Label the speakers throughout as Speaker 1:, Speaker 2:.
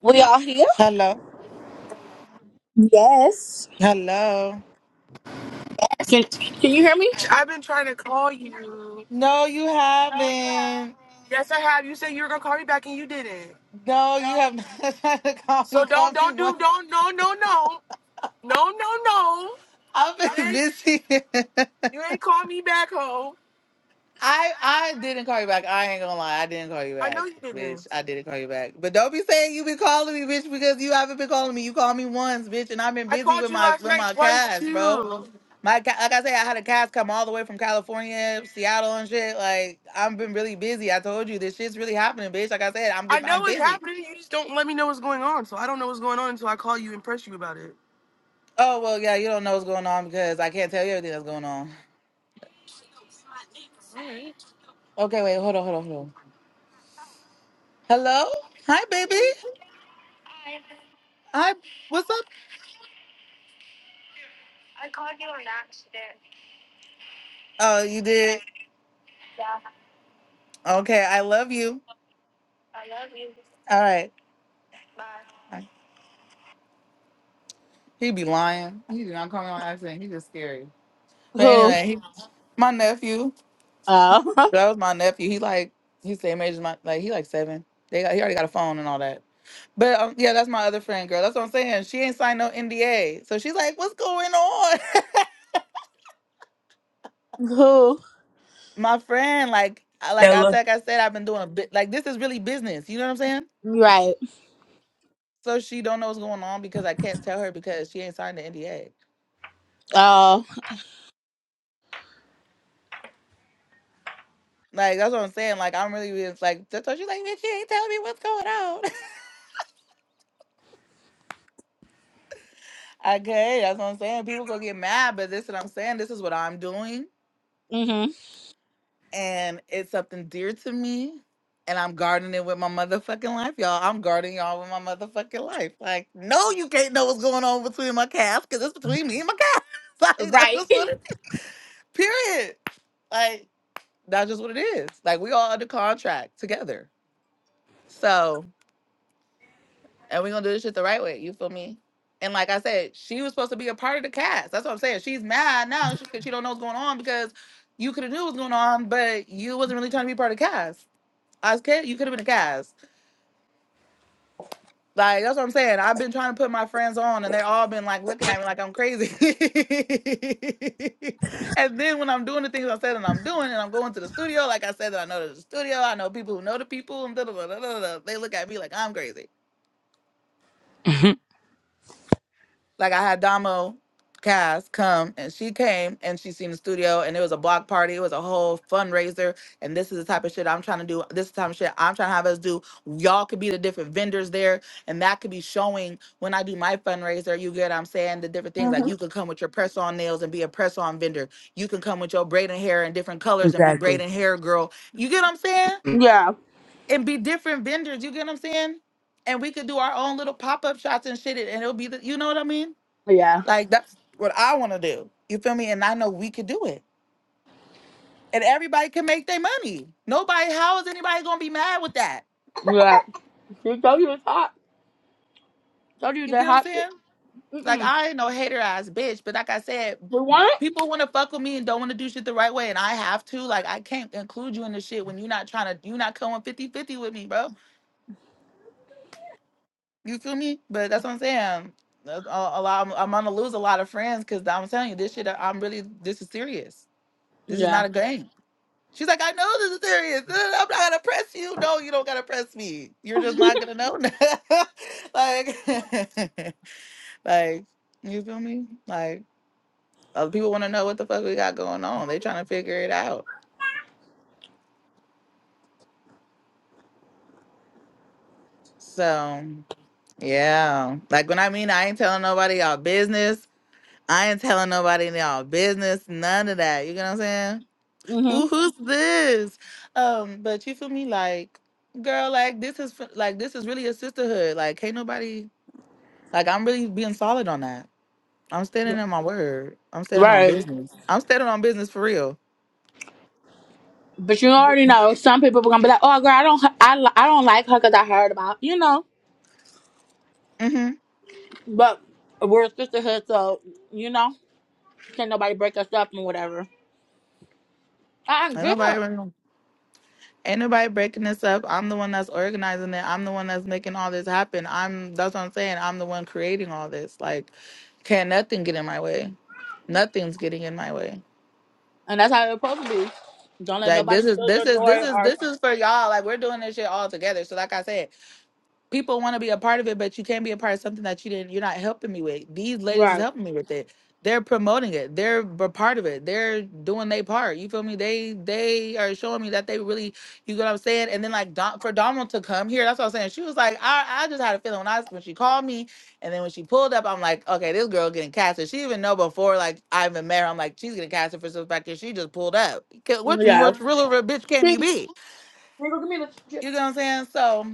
Speaker 1: We all here?
Speaker 2: Hello.
Speaker 1: Yes.
Speaker 2: Hello.
Speaker 1: Can Can you hear me?
Speaker 3: I've been trying to call you. No, you
Speaker 2: No, you
Speaker 3: haven't.
Speaker 2: haven't.
Speaker 3: Yes, I have. You said you were gonna call me back and you didn't.
Speaker 2: No, you have not tried to call
Speaker 3: So
Speaker 2: me. Call
Speaker 3: don't
Speaker 2: me
Speaker 3: don't do
Speaker 2: once.
Speaker 3: don't no no no no no no.
Speaker 2: I've been
Speaker 3: Bitch,
Speaker 2: busy. I
Speaker 3: you ain't called me back, ho.
Speaker 2: I didn't call you back. I ain't gonna lie. I didn't call you
Speaker 3: I know
Speaker 2: back,
Speaker 3: you didn't.
Speaker 2: bitch. I didn't call you back. But don't be saying you been calling me, bitch, because you haven't been calling me. You called me once, bitch, and I've been
Speaker 3: I
Speaker 2: busy
Speaker 3: called
Speaker 2: with
Speaker 3: you
Speaker 2: my
Speaker 3: last
Speaker 2: with
Speaker 3: night
Speaker 2: my
Speaker 3: twice
Speaker 2: cast, bro.
Speaker 3: too.
Speaker 2: My ca- like I say, I had a cast come all the way from California, Seattle, and shit. Like I've been really busy. I told you this shit's really happening, bitch. Like I said, I'm
Speaker 3: I know
Speaker 2: I'm
Speaker 3: what's
Speaker 2: busy.
Speaker 3: happening. You just don't let me know what's going on. So I don't know what's going on until I call you and press you about it.
Speaker 2: Oh well, yeah, you don't know what's going on because I can't tell you everything that's going on.
Speaker 3: All right.
Speaker 2: Okay, wait, hold on, hold on, hold on. Hello, hi, baby. Hi, what's up? Oh, you did. Okay, I love you. All right. Bye. He be lying. He did not call me on accident. He just scary. But
Speaker 1: Who?
Speaker 2: anyway, he, my nephew.
Speaker 1: Uh,
Speaker 2: That was my nephew. He like he's the same age as my like he like seven. They got he already got a phone and all that. But um, yeah, that's my other friend, girl. That's what I'm saying. She ain't signed no NDA, so she's like, "What's going on?"
Speaker 1: who?
Speaker 2: my friend, like, I- like I
Speaker 4: Stella.
Speaker 2: like I said, I've been doing a bit. Like this is really business. You know what I'm saying?
Speaker 1: Right.
Speaker 2: So she don't know what's going on because I can't tell her because she ain't signed the NDA.
Speaker 1: Oh,
Speaker 2: Like that's what I'm saying. Like I'm really just like that's why she's like, bitch, you ain't telling me what's going on. okay, that's what I'm saying. People gonna get mad, but this is what I'm saying. This is what I'm doing,
Speaker 1: mm-hmm.
Speaker 2: and it's something dear to me. And I'm guarding it with my motherfucking life, y'all. I'm guarding y'all with my motherfucking life. Like, no, you can't know what's going on between my calves, because it's between me and my calves. like, that's
Speaker 1: Right.
Speaker 2: just what it Period. Like, that's just what it is. Like, we all under contract together. So, and we're gonna do this shit the right way. You feel me? And like I said, she was supposed to be a part of the cast. That's what I'm saying. She's mad now because she, 'cause she don't know what's going on because you could have knew what's going on, but you wasn't really trying to be part of the cast. I was kid, you could have been a cast. Like that's what I'm saying. I've been trying to put my friends on, and they all been like looking at me like I'm crazy. and then when I'm doing the things I said and I'm doing, and I'm going to the studio, like I said that I know the studio, I know people who know the people, and da da da da da. da, They look at me like I'm crazy. like I had Damo Cass come and she came and she seen the studio and it was a block party. It was a whole fundraiser. And this is the type of shit I'm trying to do. This is the type of shit I'm trying to have us do. Y'all could be the different vendors there and that could be showing when I do my fundraiser. You get what I'm saying? The different things
Speaker 1: hmm
Speaker 2: like you could come with your press on nails and be a press on vendor. You can come with your braiding hair in different colors and be
Speaker 4: Exactly.
Speaker 2: braiding hair girl. You get what I'm saying?
Speaker 1: Yeah.
Speaker 2: And be different vendors. You get what I'm saying? And we could do our own little pop up shots and shit and it'll be the, you know what I mean?
Speaker 1: Yeah.
Speaker 2: Like that's what I want to do. You feel me? And I know we could do it. And everybody can make their money. Nobody, how is anybody gonna be mad with that?
Speaker 1: Yeah. You told you it's hot. Told you
Speaker 2: You get
Speaker 1: that
Speaker 2: what I'm
Speaker 1: hot. shit.
Speaker 2: saying? Like
Speaker 1: Mm-mm.
Speaker 2: I ain't no hater ass bitch, but like I said,
Speaker 1: We want? it?
Speaker 2: people want to fuck with me and don't want to do shit the right way, and I have to. Like I can't include you in this shit when you're not trying to. You're not coming fifty-fifty with me, bro. You feel me? But that's what I'm saying. Um, That's A, a lot, I'm, I'm gonna lose a lot of friends because I'm telling you this shit. I'm really. This is serious. This is not
Speaker 1: Yeah.
Speaker 2: a game. She's like, I know this is serious. Uh, I'm not gonna press you. No, you don't gotta press me. You're just not gonna know now. like, like, you feel me? Like, other people want to know what the fuck we got going on. They trying to figure it out. So, yeah. Like when I mean, I ain't telling nobody y'all business. I ain't telling nobody y'all business. None of that. You know what I'm saying?
Speaker 1: Mm-hmm.
Speaker 2: Ooh, who's this? Um, but you feel me? Like, girl, like this is f- like this is really a sisterhood. Like, can't nobody Like I'm really being solid on that. I'm standing in my word. I'm standing on
Speaker 1: Right.
Speaker 2: business. I'm standing on business for real.
Speaker 1: But you already know some people are gonna be like, "Oh, girl, I don't, I, li- I don't like her because I heard about you know."
Speaker 2: hmm Ain't
Speaker 1: But we're a sisterhood, so you know, can't nobody break us up and whatever. I get
Speaker 2: nobody
Speaker 1: her.
Speaker 2: really- gonna- ain't nobody breaking this up. I'm the one that's organizing it. I'm the one that's making all this happen. I'm that's what I'm saying. I'm the one creating all this. Like, can't nothing get in my way. Nothing's getting in my way.
Speaker 1: And that's how it's supposed to be. Don't let
Speaker 2: Like this
Speaker 1: nobody
Speaker 2: is
Speaker 1: steal
Speaker 2: this
Speaker 1: your
Speaker 2: is this
Speaker 1: joy
Speaker 2: is
Speaker 1: or
Speaker 2: this is for y'all. Like we're doing this shit all together. So like I said, people want to be a part of it, but you can't be a part of something that you didn't. You're not helping me with. These ladies is
Speaker 1: right.
Speaker 2: helping me with it. They're promoting it. They're a part of it. They're doing their part. You feel me? They they are showing me that they really. You get what I'm saying? And then like Don, for Donald to come here, that's what I'm saying. She was like, I I just had a feeling when I when she called me, and then when she pulled up, I'm like, okay, this girl getting casted. She even know before like I even met her. I'm like, she's getting casted for some fact that She just pulled up. 'Cause Which
Speaker 1: Yeah.
Speaker 2: which real of a bitch can you
Speaker 1: Thanks.
Speaker 2: be?
Speaker 1: Here go, give
Speaker 2: You know what I'm saying? So.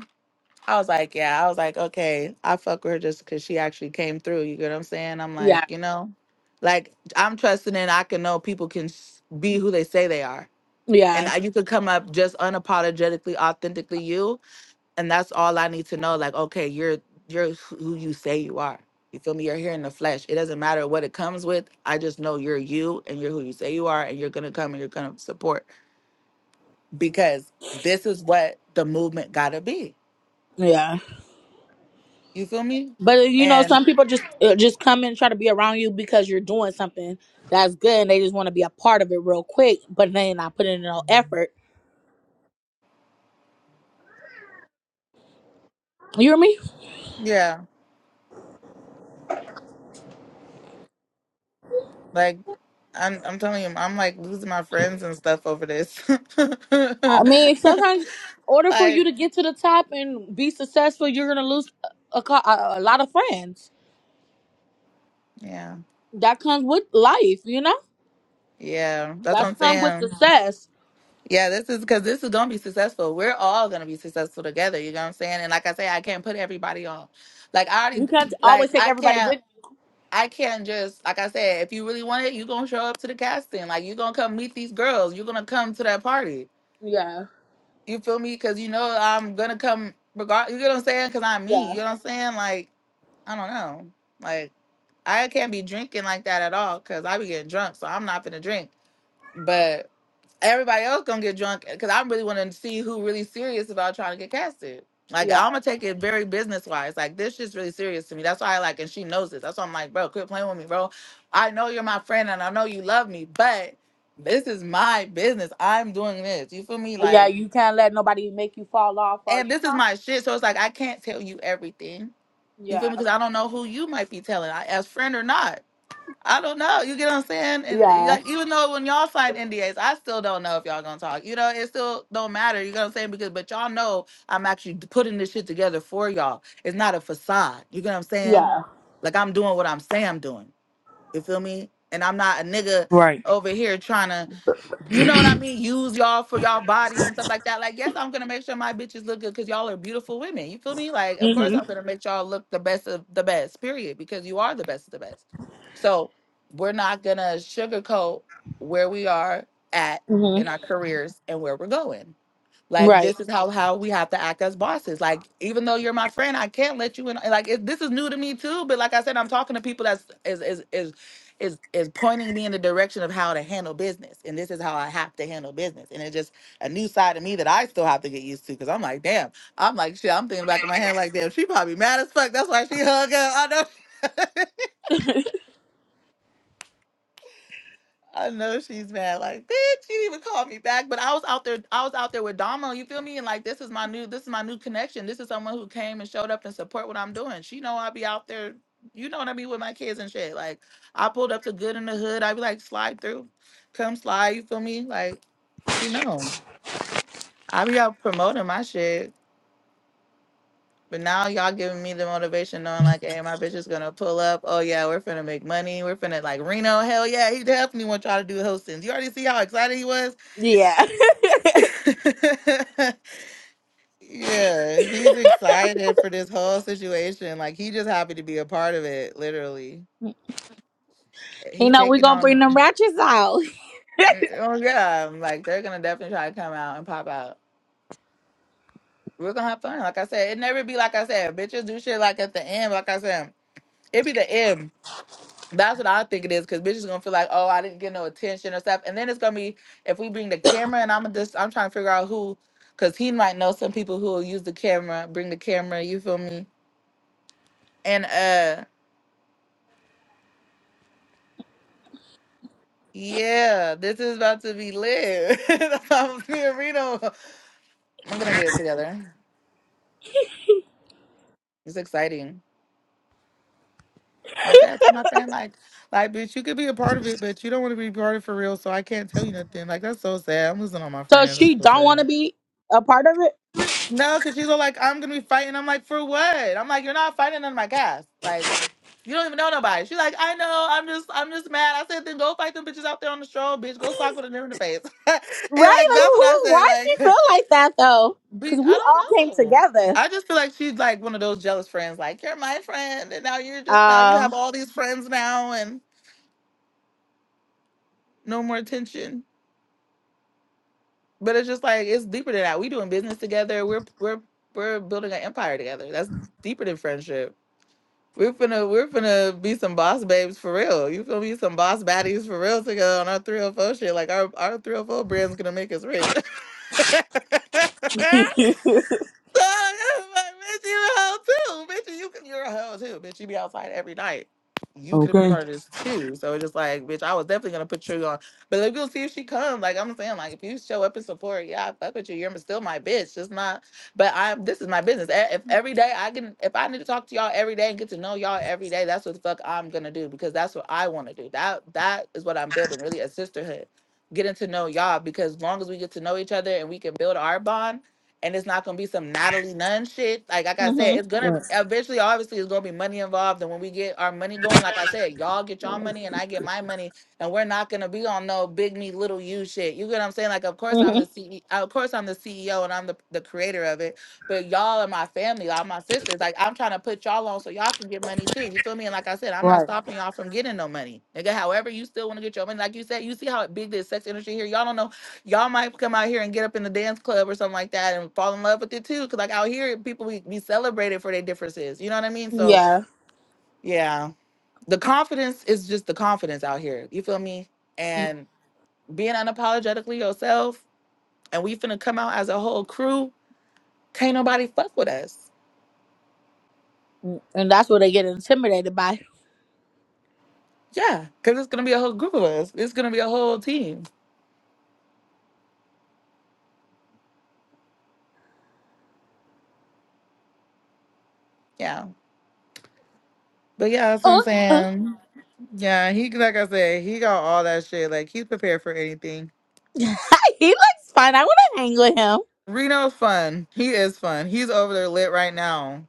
Speaker 2: I was like, yeah, I was like, okay, I fuck with her just because she actually came through. You get what I'm saying? I'm like,
Speaker 1: Yeah.
Speaker 2: you know, like I'm trusting in I can know people can s- be who they say they are. And
Speaker 1: Yeah.
Speaker 2: I- you could come up just unapologetically, authentically you. And that's all I need to know. Like, okay, you're you're who you say you are. You feel me? You're here in the flesh. It doesn't matter what it comes with. I just know you're you and you're who you say you are and you're gonna come and you're gonna support because this is what the movement gotta be.
Speaker 1: Yeah.
Speaker 2: You feel me?
Speaker 1: But uh, you know,
Speaker 2: And
Speaker 1: some people just uh, just come and try to be around you because you're doing something that's good, and they just want to be a part of it real quick, but they ain't not putting in no effort. You hear me?
Speaker 2: Yeah, like I'm I'm telling you, I'm like losing my friends and stuff over this.
Speaker 1: I mean, sometimes in order for you
Speaker 2: Like,
Speaker 1: to get to the top and be successful, you're gonna lose a, co- a, a lot of friends.
Speaker 2: yeah.
Speaker 1: That comes with life, you know.
Speaker 2: Yeah, that's what
Speaker 1: That
Speaker 2: I'm
Speaker 1: comes with
Speaker 2: saying.
Speaker 1: success.
Speaker 2: Yeah, this is because this is gonna be successful. We're all gonna be successful together, you know what I'm saying? And like I say, I can't put everybody on. Like I
Speaker 1: You
Speaker 2: already
Speaker 1: can't
Speaker 2: like
Speaker 1: always take
Speaker 2: I
Speaker 1: everybody
Speaker 2: can't
Speaker 1: with
Speaker 2: I can't just like I said, if you really want it, you gonna show up to the casting. Like you gonna come meet these girls. You're gonna come to that party.
Speaker 1: you. Yeah,
Speaker 2: You feel me? Cause you know I'm gonna come regard you know what I'm saying? Cause I'm me.
Speaker 1: yeah,
Speaker 2: You know what I'm saying? Like I don't know. Like I can't be drinking like that at all because I be getting drunk, so I'm not gonna drink. But everybody else gonna get drunk because I really want to see who really serious about trying to get casted. Like
Speaker 1: yeah,
Speaker 2: I'm gonna take it very business wise. Like this shit's really serious to me. That's why I like, and she knows this. That's why I'm like, bro, quit playing with me, bro. I know you're my friend and I know you love me, but this is my business. I'm doing this. You feel me?
Speaker 1: yeah.
Speaker 2: Like,
Speaker 1: You can't let nobody make you fall off, or
Speaker 2: and
Speaker 1: you
Speaker 2: this is
Speaker 1: know.
Speaker 2: my shit. So it's like I can't tell you everything. You feel
Speaker 1: Yeah,
Speaker 2: me? Because I don't know who you might be telling, I- as friend or not. I don't know. You get what I'm saying? And
Speaker 1: yeah,
Speaker 2: like, even though when y'all sign NDAs, I still don't know if y'all gonna talk. You know, it still don't matter. You know what I'm saying? Because but y'all know I'm actually putting this shit together for y'all. It's not a facade. You get what I'm saying?
Speaker 1: yeah.
Speaker 2: Like I'm doing what I'm saying I'm doing. You feel me? And I'm not a nigga
Speaker 4: Right.
Speaker 2: over here trying to you know what I mean? Use y'all for y'all bodies and stuff like that. Like, yes, I'm gonna make sure my bitches look good because y'all are beautiful women. You feel me? Like, of course I'm
Speaker 1: Mhm,
Speaker 2: gonna make y'all look the best of the best, period, because you are the best of the best. So we're not gonna sugarcoat where we are at in
Speaker 1: mhm.
Speaker 2: our careers and where we're going. Like
Speaker 1: Right.
Speaker 2: this is how how we have to act as bosses. Like even though you're my friend, I can't let you in. Like it, this is new to me too. But like I said, I'm talking to people that's is is is is is pointing me in the direction of how to handle business, and this is how I have to handle business. And it's just a new side of me that I still have to get used to because I'm like, damn, I'm like shit. I'm thinking back in my head like, damn, she probably mad as fuck. That's why she hung up. I know. I know she's mad. Like, bitch, you didn't even call me back. But I was out there. I was out there with Damo. You feel me? And like, this is my new. This is my new connection. This is someone who came and showed up and support what I'm doing. She know I be out there. You know what I mean with my kids and shit. Like, I pulled up to Good in the Hood. I be like, slide through, come slide. You feel me? Like, she know. I be out promoting my shit. But now y'all giving me the motivation, knowing like, hey, my bitch is gonna pull up. Oh yeah, we're finna make money. We're finna like Reno. Hell yeah, he definitely want y'all to do hostings. You already see how excited he was.
Speaker 1: Yeah.
Speaker 2: yeah, he's excited for this whole situation. Like he just happy to be a part of it. Literally,
Speaker 1: you
Speaker 2: he
Speaker 1: know we
Speaker 2: taking
Speaker 1: gonna bring
Speaker 2: on.
Speaker 1: them ratchets out.
Speaker 2: Eh, Oh yeah, like they're gonna definitely try to come out and pop out. We're gonna have fun. Like I said, it never be like I said. Bitches do shit like at the end. Like I said, it be the end. That's what I think it is, cause bitches gonna feel like, oh, I didn't get no attention or stuff, and then it's gonna be if we bring the camera and I'm just I'm trying to figure out who, cause he might know some people who will use the camera, bring the camera. You feel me? And uh yeah, this is about to be lit. That's why I'm being Reno. I'm gonna get it together. It's exciting. I said I told my friend like, like, bitch, you could be a part of it, but you don't want to be part of it for real, so I can't tell you nothing. Like that's so sad. I'm losing all my
Speaker 1: So
Speaker 2: friends. That's
Speaker 1: she
Speaker 2: so
Speaker 1: don't want
Speaker 2: sad.
Speaker 1: to be a part of it,
Speaker 2: No, cause she's all like, I'm gonna be fighting. I'm like, for what? I'm like, you're not fighting none of my guys. Like, you don't even know nobody. She's like, I know. I'm just, I'm just mad. I said, then go fight them bitches out there on the stroll, bitch. Go sock with a them in the face. and
Speaker 1: right?
Speaker 2: like,
Speaker 1: Like,
Speaker 2: that's what I
Speaker 1: who?
Speaker 2: said.
Speaker 1: Why
Speaker 2: Like,
Speaker 1: she feel like that though?
Speaker 2: Be
Speaker 1: Because
Speaker 2: I
Speaker 1: we all came
Speaker 2: don't know.
Speaker 1: together.
Speaker 2: I just feel like she's like one of those jealous friends. Like you're my friend, and now you're just now you have
Speaker 1: Um.
Speaker 2: all these friends now, and no more attention. But it's just like it's deeper than that. We doing business together. We're we're we're building an empire together. That's deeper than friendship. We're finna we're finna be some boss babes for real. You feel me? Some boss baddies for real to go on our 304 shit. Like our our 304 brand's gonna make us rich. bitch, you a hoe too. Bitch, you, you're a hoe too. Bitch, you be outside every night. You could have been a
Speaker 4: Okay.
Speaker 2: part of this too. So it's just like, bitch, I was definitely gonna put you on. But let's go see if she comes. Like I'm saying, like if you show up and support, yeah, I fuck with you. You're still my bitch. Just not. But I, this is my business. E- If every day I can, if I need to talk to y'all every day and get to know y'all every day, that's what the fuck I'm gonna do because that's what I want to do. That that is what I'm building. Really, a sisterhood. Getting to know y'all because long as we get to know each other and we can build our bond and it's not gonna be some Natalie Nunn shit. Like, like I said,
Speaker 1: mhm.
Speaker 2: it's gonna
Speaker 4: Right.
Speaker 2: eventually, obviously, it's gonna be money involved. And when we get our money going, like I said, y'all get y'all money and I get my money, and we're not gonna be on no big me little you shit. You get what I'm saying? Like, of course I'm the
Speaker 1: Mhm.
Speaker 2: CEO, of course I'm the CEO and I'm the, the creator of it, but y'all are my family, y'all my sisters. Like, I'm trying to put y'all on so y'all can get money too. You feel me? And like I said, I'm not
Speaker 4: Right.
Speaker 2: stopping y'all from getting no money, nigga. However, you still want to get your money. Like you said, you see how big this sex industry here. Y'all don't know y'all might come out here and get up in the dance club or something like that and fall in love with it too. Cause like out here, people be, be celebrated for their differences. You know what I mean? So
Speaker 1: Yeah.
Speaker 2: yeah, the confidence is just the confidence out here. You feel me? And being unapologetically yourself, and we finna come out as a whole crew. Can't nobody fuck with us.
Speaker 1: Mhm. And that's what they get intimidated by.
Speaker 2: Yeah, cause it's gonna be a whole group of us. It's gonna be a whole team. Yeah. But yeah, that's what I'm
Speaker 1: Uh uh,
Speaker 2: saying. Yeah, he like I said, he got all that shit. Like he's prepared for anything
Speaker 1: he looks fun. I want to hang with him.
Speaker 2: Reno's fun. He is fun. He's over there lit right now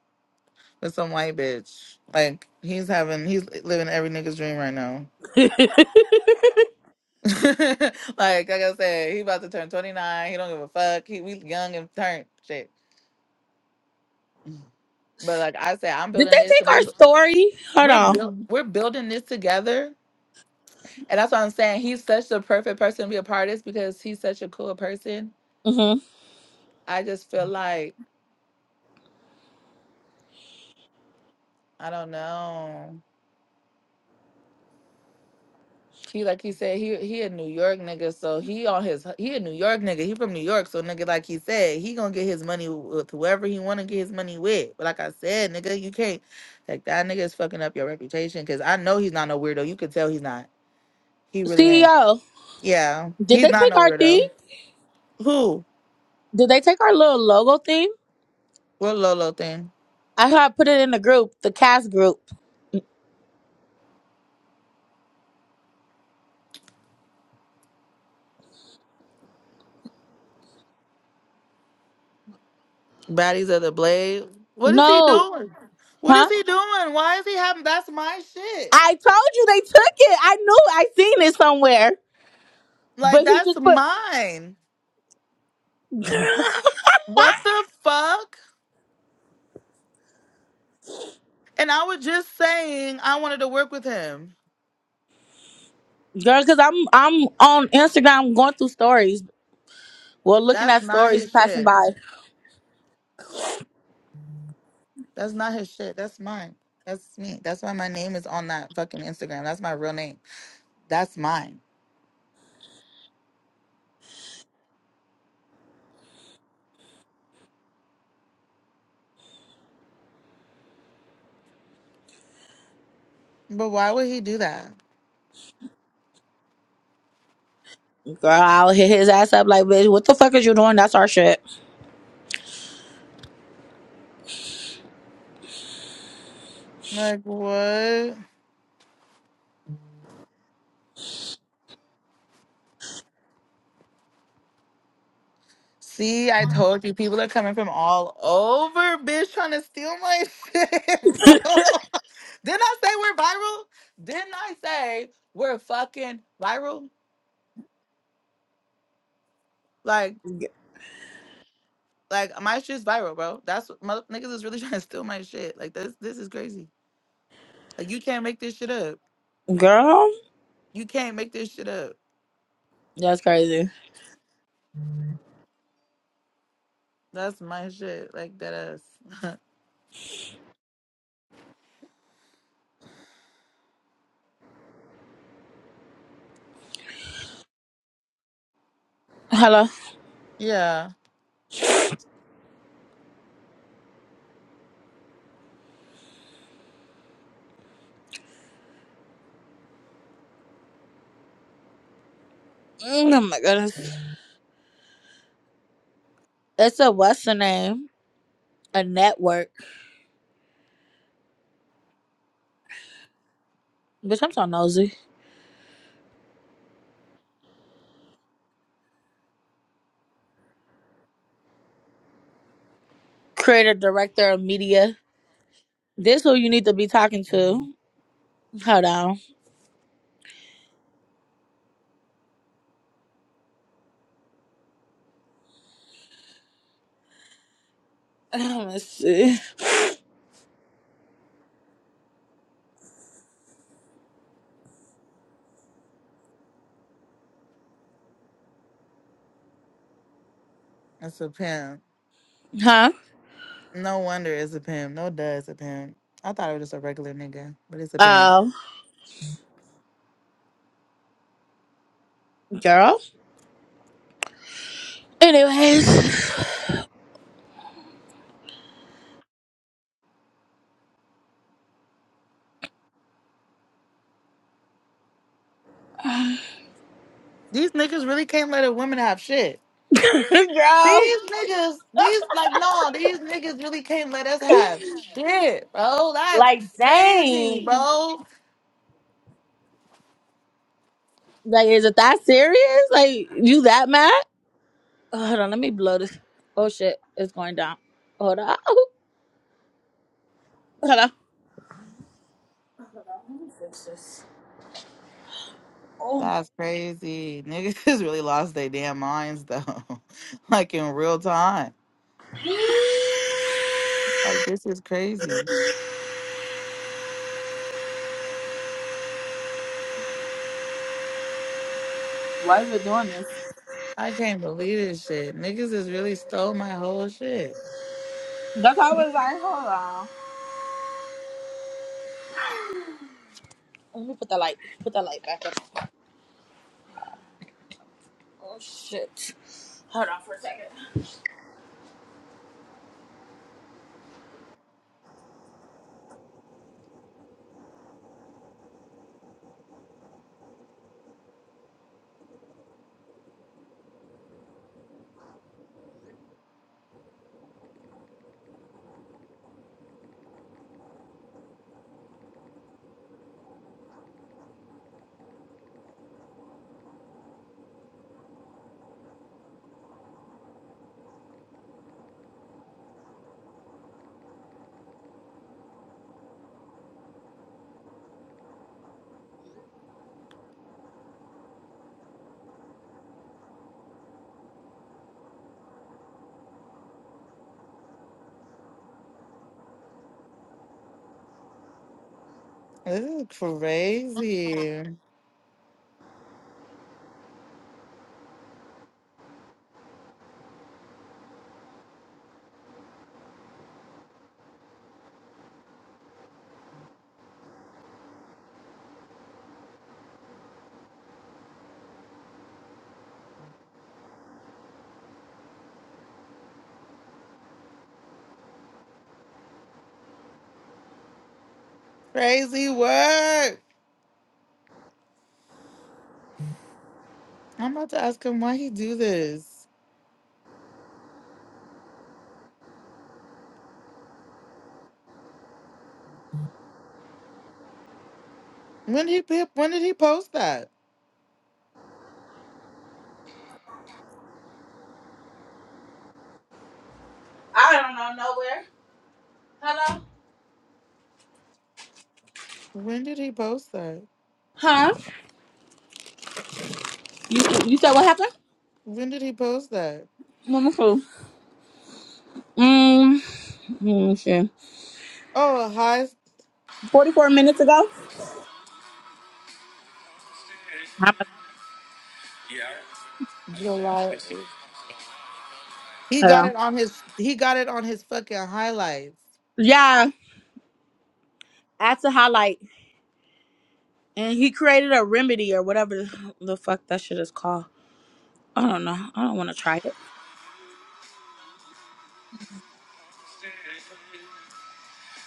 Speaker 2: with some white bitch. Like he's having, he's living every nigga's dream right now. like, like I said, he about to turn 29. He don't give a fuck. He we young and turned shit. But like I said, I'm
Speaker 1: did they
Speaker 2: building this,
Speaker 1: take
Speaker 2: and
Speaker 1: our
Speaker 2: we're bu-
Speaker 1: story? Hold
Speaker 2: we're
Speaker 1: on.
Speaker 2: buil- we we're building this together. And that's what I'm saying. He's such the perfect person to be a part of this because he's such a cool person.
Speaker 1: hmm
Speaker 2: I just feel like I don't know. He like he said he he a New York nigga, so he on his he a New York nigga. He from New York, so nigga like he said he gonna get his money with whoever he wanna get his money with. But like I said, nigga, you can't like that nigga is fucking up your reputation because I know he's not no weirdo. You could tell he's not. He really ain't.
Speaker 1: CEO,
Speaker 2: Yeah,
Speaker 1: did
Speaker 2: he's
Speaker 1: they
Speaker 2: not
Speaker 1: take
Speaker 2: no
Speaker 1: our thing?
Speaker 2: weirdo. Who?
Speaker 1: Did they take our little logo thing?
Speaker 2: What Lolo thing?
Speaker 1: I had put it in the group, the cast group.
Speaker 2: Baddies of the Blade. What is he
Speaker 1: No,
Speaker 2: doing? What is
Speaker 1: huh?
Speaker 2: he doing? Why is he having? That's my shit.
Speaker 1: I told you they took it. I knew I seen it somewhere,
Speaker 2: Like
Speaker 1: but he
Speaker 2: that's
Speaker 1: just put
Speaker 2: mine. What the fuck? And I was just saying I wanted to work with him.
Speaker 1: girl. Cause I'm I'm on Instagram going through stories. Well, looking
Speaker 2: That's
Speaker 1: at
Speaker 2: not
Speaker 1: stories
Speaker 2: his
Speaker 1: passing
Speaker 2: shit.
Speaker 1: by.
Speaker 2: That's not his shit. That's mine. That's me. That's why my name is on that fucking Instagram. That's my real name. That's mine. But why would he do that?
Speaker 1: Girl, I'll hit his ass up like, bitch, what the fuck is you doing? That's our shit.
Speaker 2: Like what? See, I told you people are coming from all over, bitch, trying to steal my shit, bro. Didn't I say we're viral? Didn't I say we're fucking viral? Like. Like my shit's viral, bro. That's what mother- niggas is really trying to steal my shit. Like this, this is crazy. Like you can't make this shit up.
Speaker 1: Girl.
Speaker 2: You can't make this shit up.
Speaker 1: That's crazy.
Speaker 2: That's my shit. Like that ass.
Speaker 1: Hello.
Speaker 2: Yeah,
Speaker 1: Mm, Oh my goodness. It's a what's the name? A network. Bitch, I'm so nosy. Creator, director of media. This who you need to be talking to. Hold on. Let's see.
Speaker 2: it's a pimp.
Speaker 1: Huh?
Speaker 2: No wonder it's a pimp. No duh, it's a pimp. I thought it was just a regular nigga, but it's a pimp.
Speaker 1: Oh, girl. Anyways,
Speaker 2: These niggas really can't let a woman have shit.
Speaker 1: girl.
Speaker 2: These niggas, these like no, these niggas really can't let us have shit, bro. That's
Speaker 1: Like, dang.
Speaker 2: crazy, bro.
Speaker 1: Like, is it that serious? Like, you that mad? Oh, hold on, let me blow this. Oh shit, it's going down. Hold on. Hold on.
Speaker 2: That's crazy. Niggas really lost their damn minds though. like in real time. Like this is crazy.
Speaker 1: Why is it doing this?
Speaker 2: I can't believe this shit. Niggas has really stole my whole shit.
Speaker 1: That's how I was like, hold on. Let me put the light. Put the light back up. Oh shit. Hold on for a second.
Speaker 2: This is crazy. Crazy work. I'm about to ask him why he do this. When did he when did he post that?
Speaker 1: I don't know nowhere. Hello.
Speaker 2: When did he post that?
Speaker 1: Huh? You you said what happened?
Speaker 2: When did he post that?
Speaker 1: Let me see. Mm, let me see.
Speaker 2: Oh, hi
Speaker 1: Forty four minutes ago. How much?
Speaker 2: July. He got
Speaker 1: Hello.
Speaker 2: it on his he got it on his fucking highlights.
Speaker 1: Yeah, that's a highlight, and he created a remedy or whatever the fuck that shit is called. I don't know. I don't want to try it.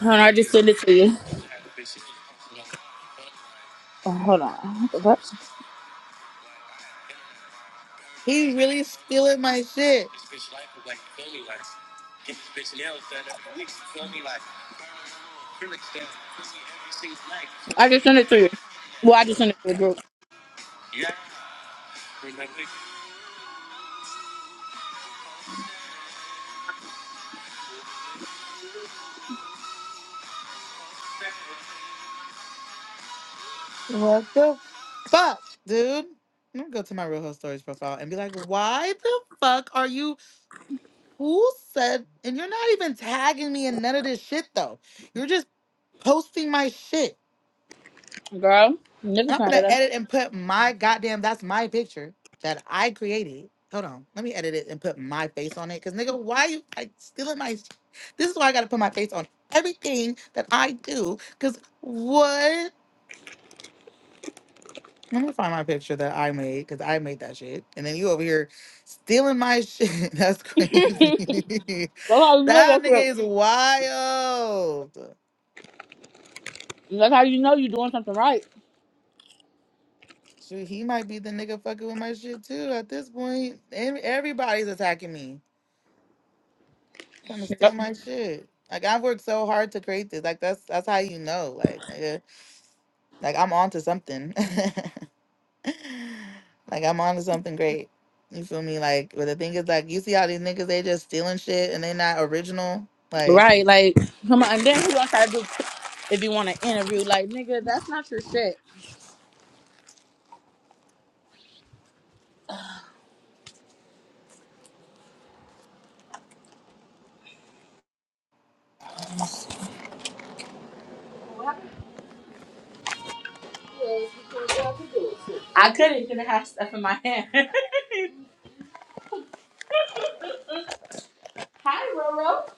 Speaker 1: Hold on, I just sent it to you. Oh, hold on. What the fuck?
Speaker 2: He really stealing my shit.
Speaker 1: I just sent it to you. Well, I just sent it to the group.
Speaker 2: What the fuck, dude? I'm gonna go to my Real Housewives Stories profile and be like, why the fuck are you? Who said? And you're not even tagging me in none of this shit though. You're just posting my shit.
Speaker 1: Girl,
Speaker 2: And
Speaker 1: niggas
Speaker 2: I'm
Speaker 1: not at
Speaker 2: gonna
Speaker 1: us.
Speaker 2: edit and put my goddamn that's my picture that I created. Hold on, let me edit it and put my face on it. Cause nigga, why you like stealing my? sh- This is why I gotta put my face on everything that I do. Cause what? Let me find my picture that I made. Cause I made that shit, and then you over here stealing my shit. That's crazy.
Speaker 1: Go on,
Speaker 2: that
Speaker 1: nigga,
Speaker 2: nigga is wild.
Speaker 1: That's how you know you're doing something right.
Speaker 2: Shoot, he might be the nigga fucking with my shit too. At this point, Em- everybody's attacking me. trying to steal
Speaker 1: Yep.
Speaker 2: my shit. Like I've worked so hard to create this. Like that's that's how you know. Like nigga, like I'm onto something. like I'm onto something great. You feel me? Like, but the thing is, like, you see how these niggas they just stealing shit and they not original. Like,
Speaker 1: Right, like come on, and then who gonna do if you want to interview, like nigga, that's not your shit. I couldn't because I have stuff in my hand. Hi, Roro.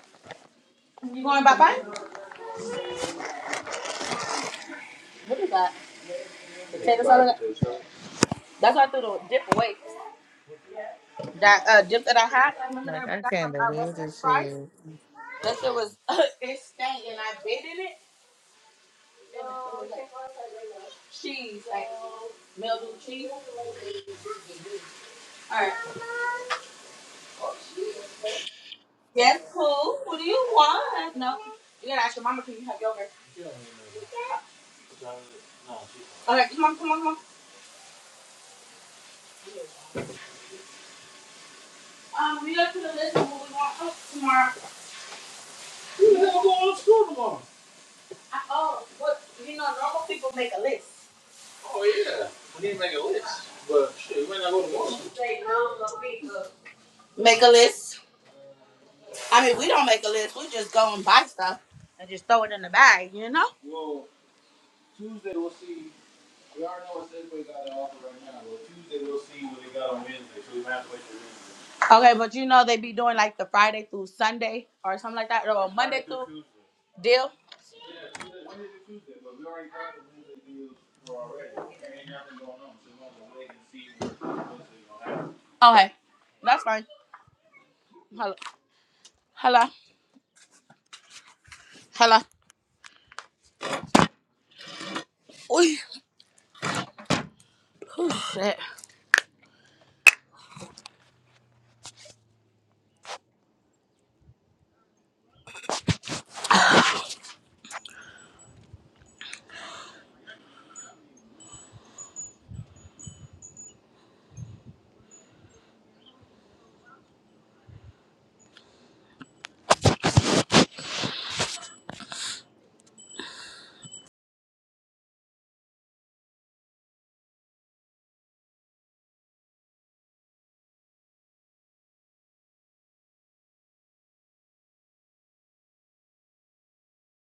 Speaker 1: You going bye bye? What is that? Potatoes out of that. That's why I threw the dip away. That uh, dip that I had, I remember that
Speaker 2: like
Speaker 1: we
Speaker 2: I
Speaker 1: got from
Speaker 2: can't
Speaker 1: uh, what's
Speaker 2: believe
Speaker 1: that
Speaker 2: this
Speaker 1: fries?
Speaker 2: shit.
Speaker 1: That shit was it stank and I bit in it. And it was like Cheese, like mildew cheese. All right. Yes, cool. What do you want? No. You gotta ask your mama, can you have yogurt? Okay, come on, come on, come on. Um, we got to put a list of what we want oh, tomorrow. I- Oh, what? You know, normal people make a list. Make a list. I mean, we don't make a list. We just go and buy stuff and just throw it in the bag, you know? Okay, but you know they be doing like the Friday through Sunday or something like that, or Monday through deal. Okay, that's fine. Hello, hello, hello. Oy, shit.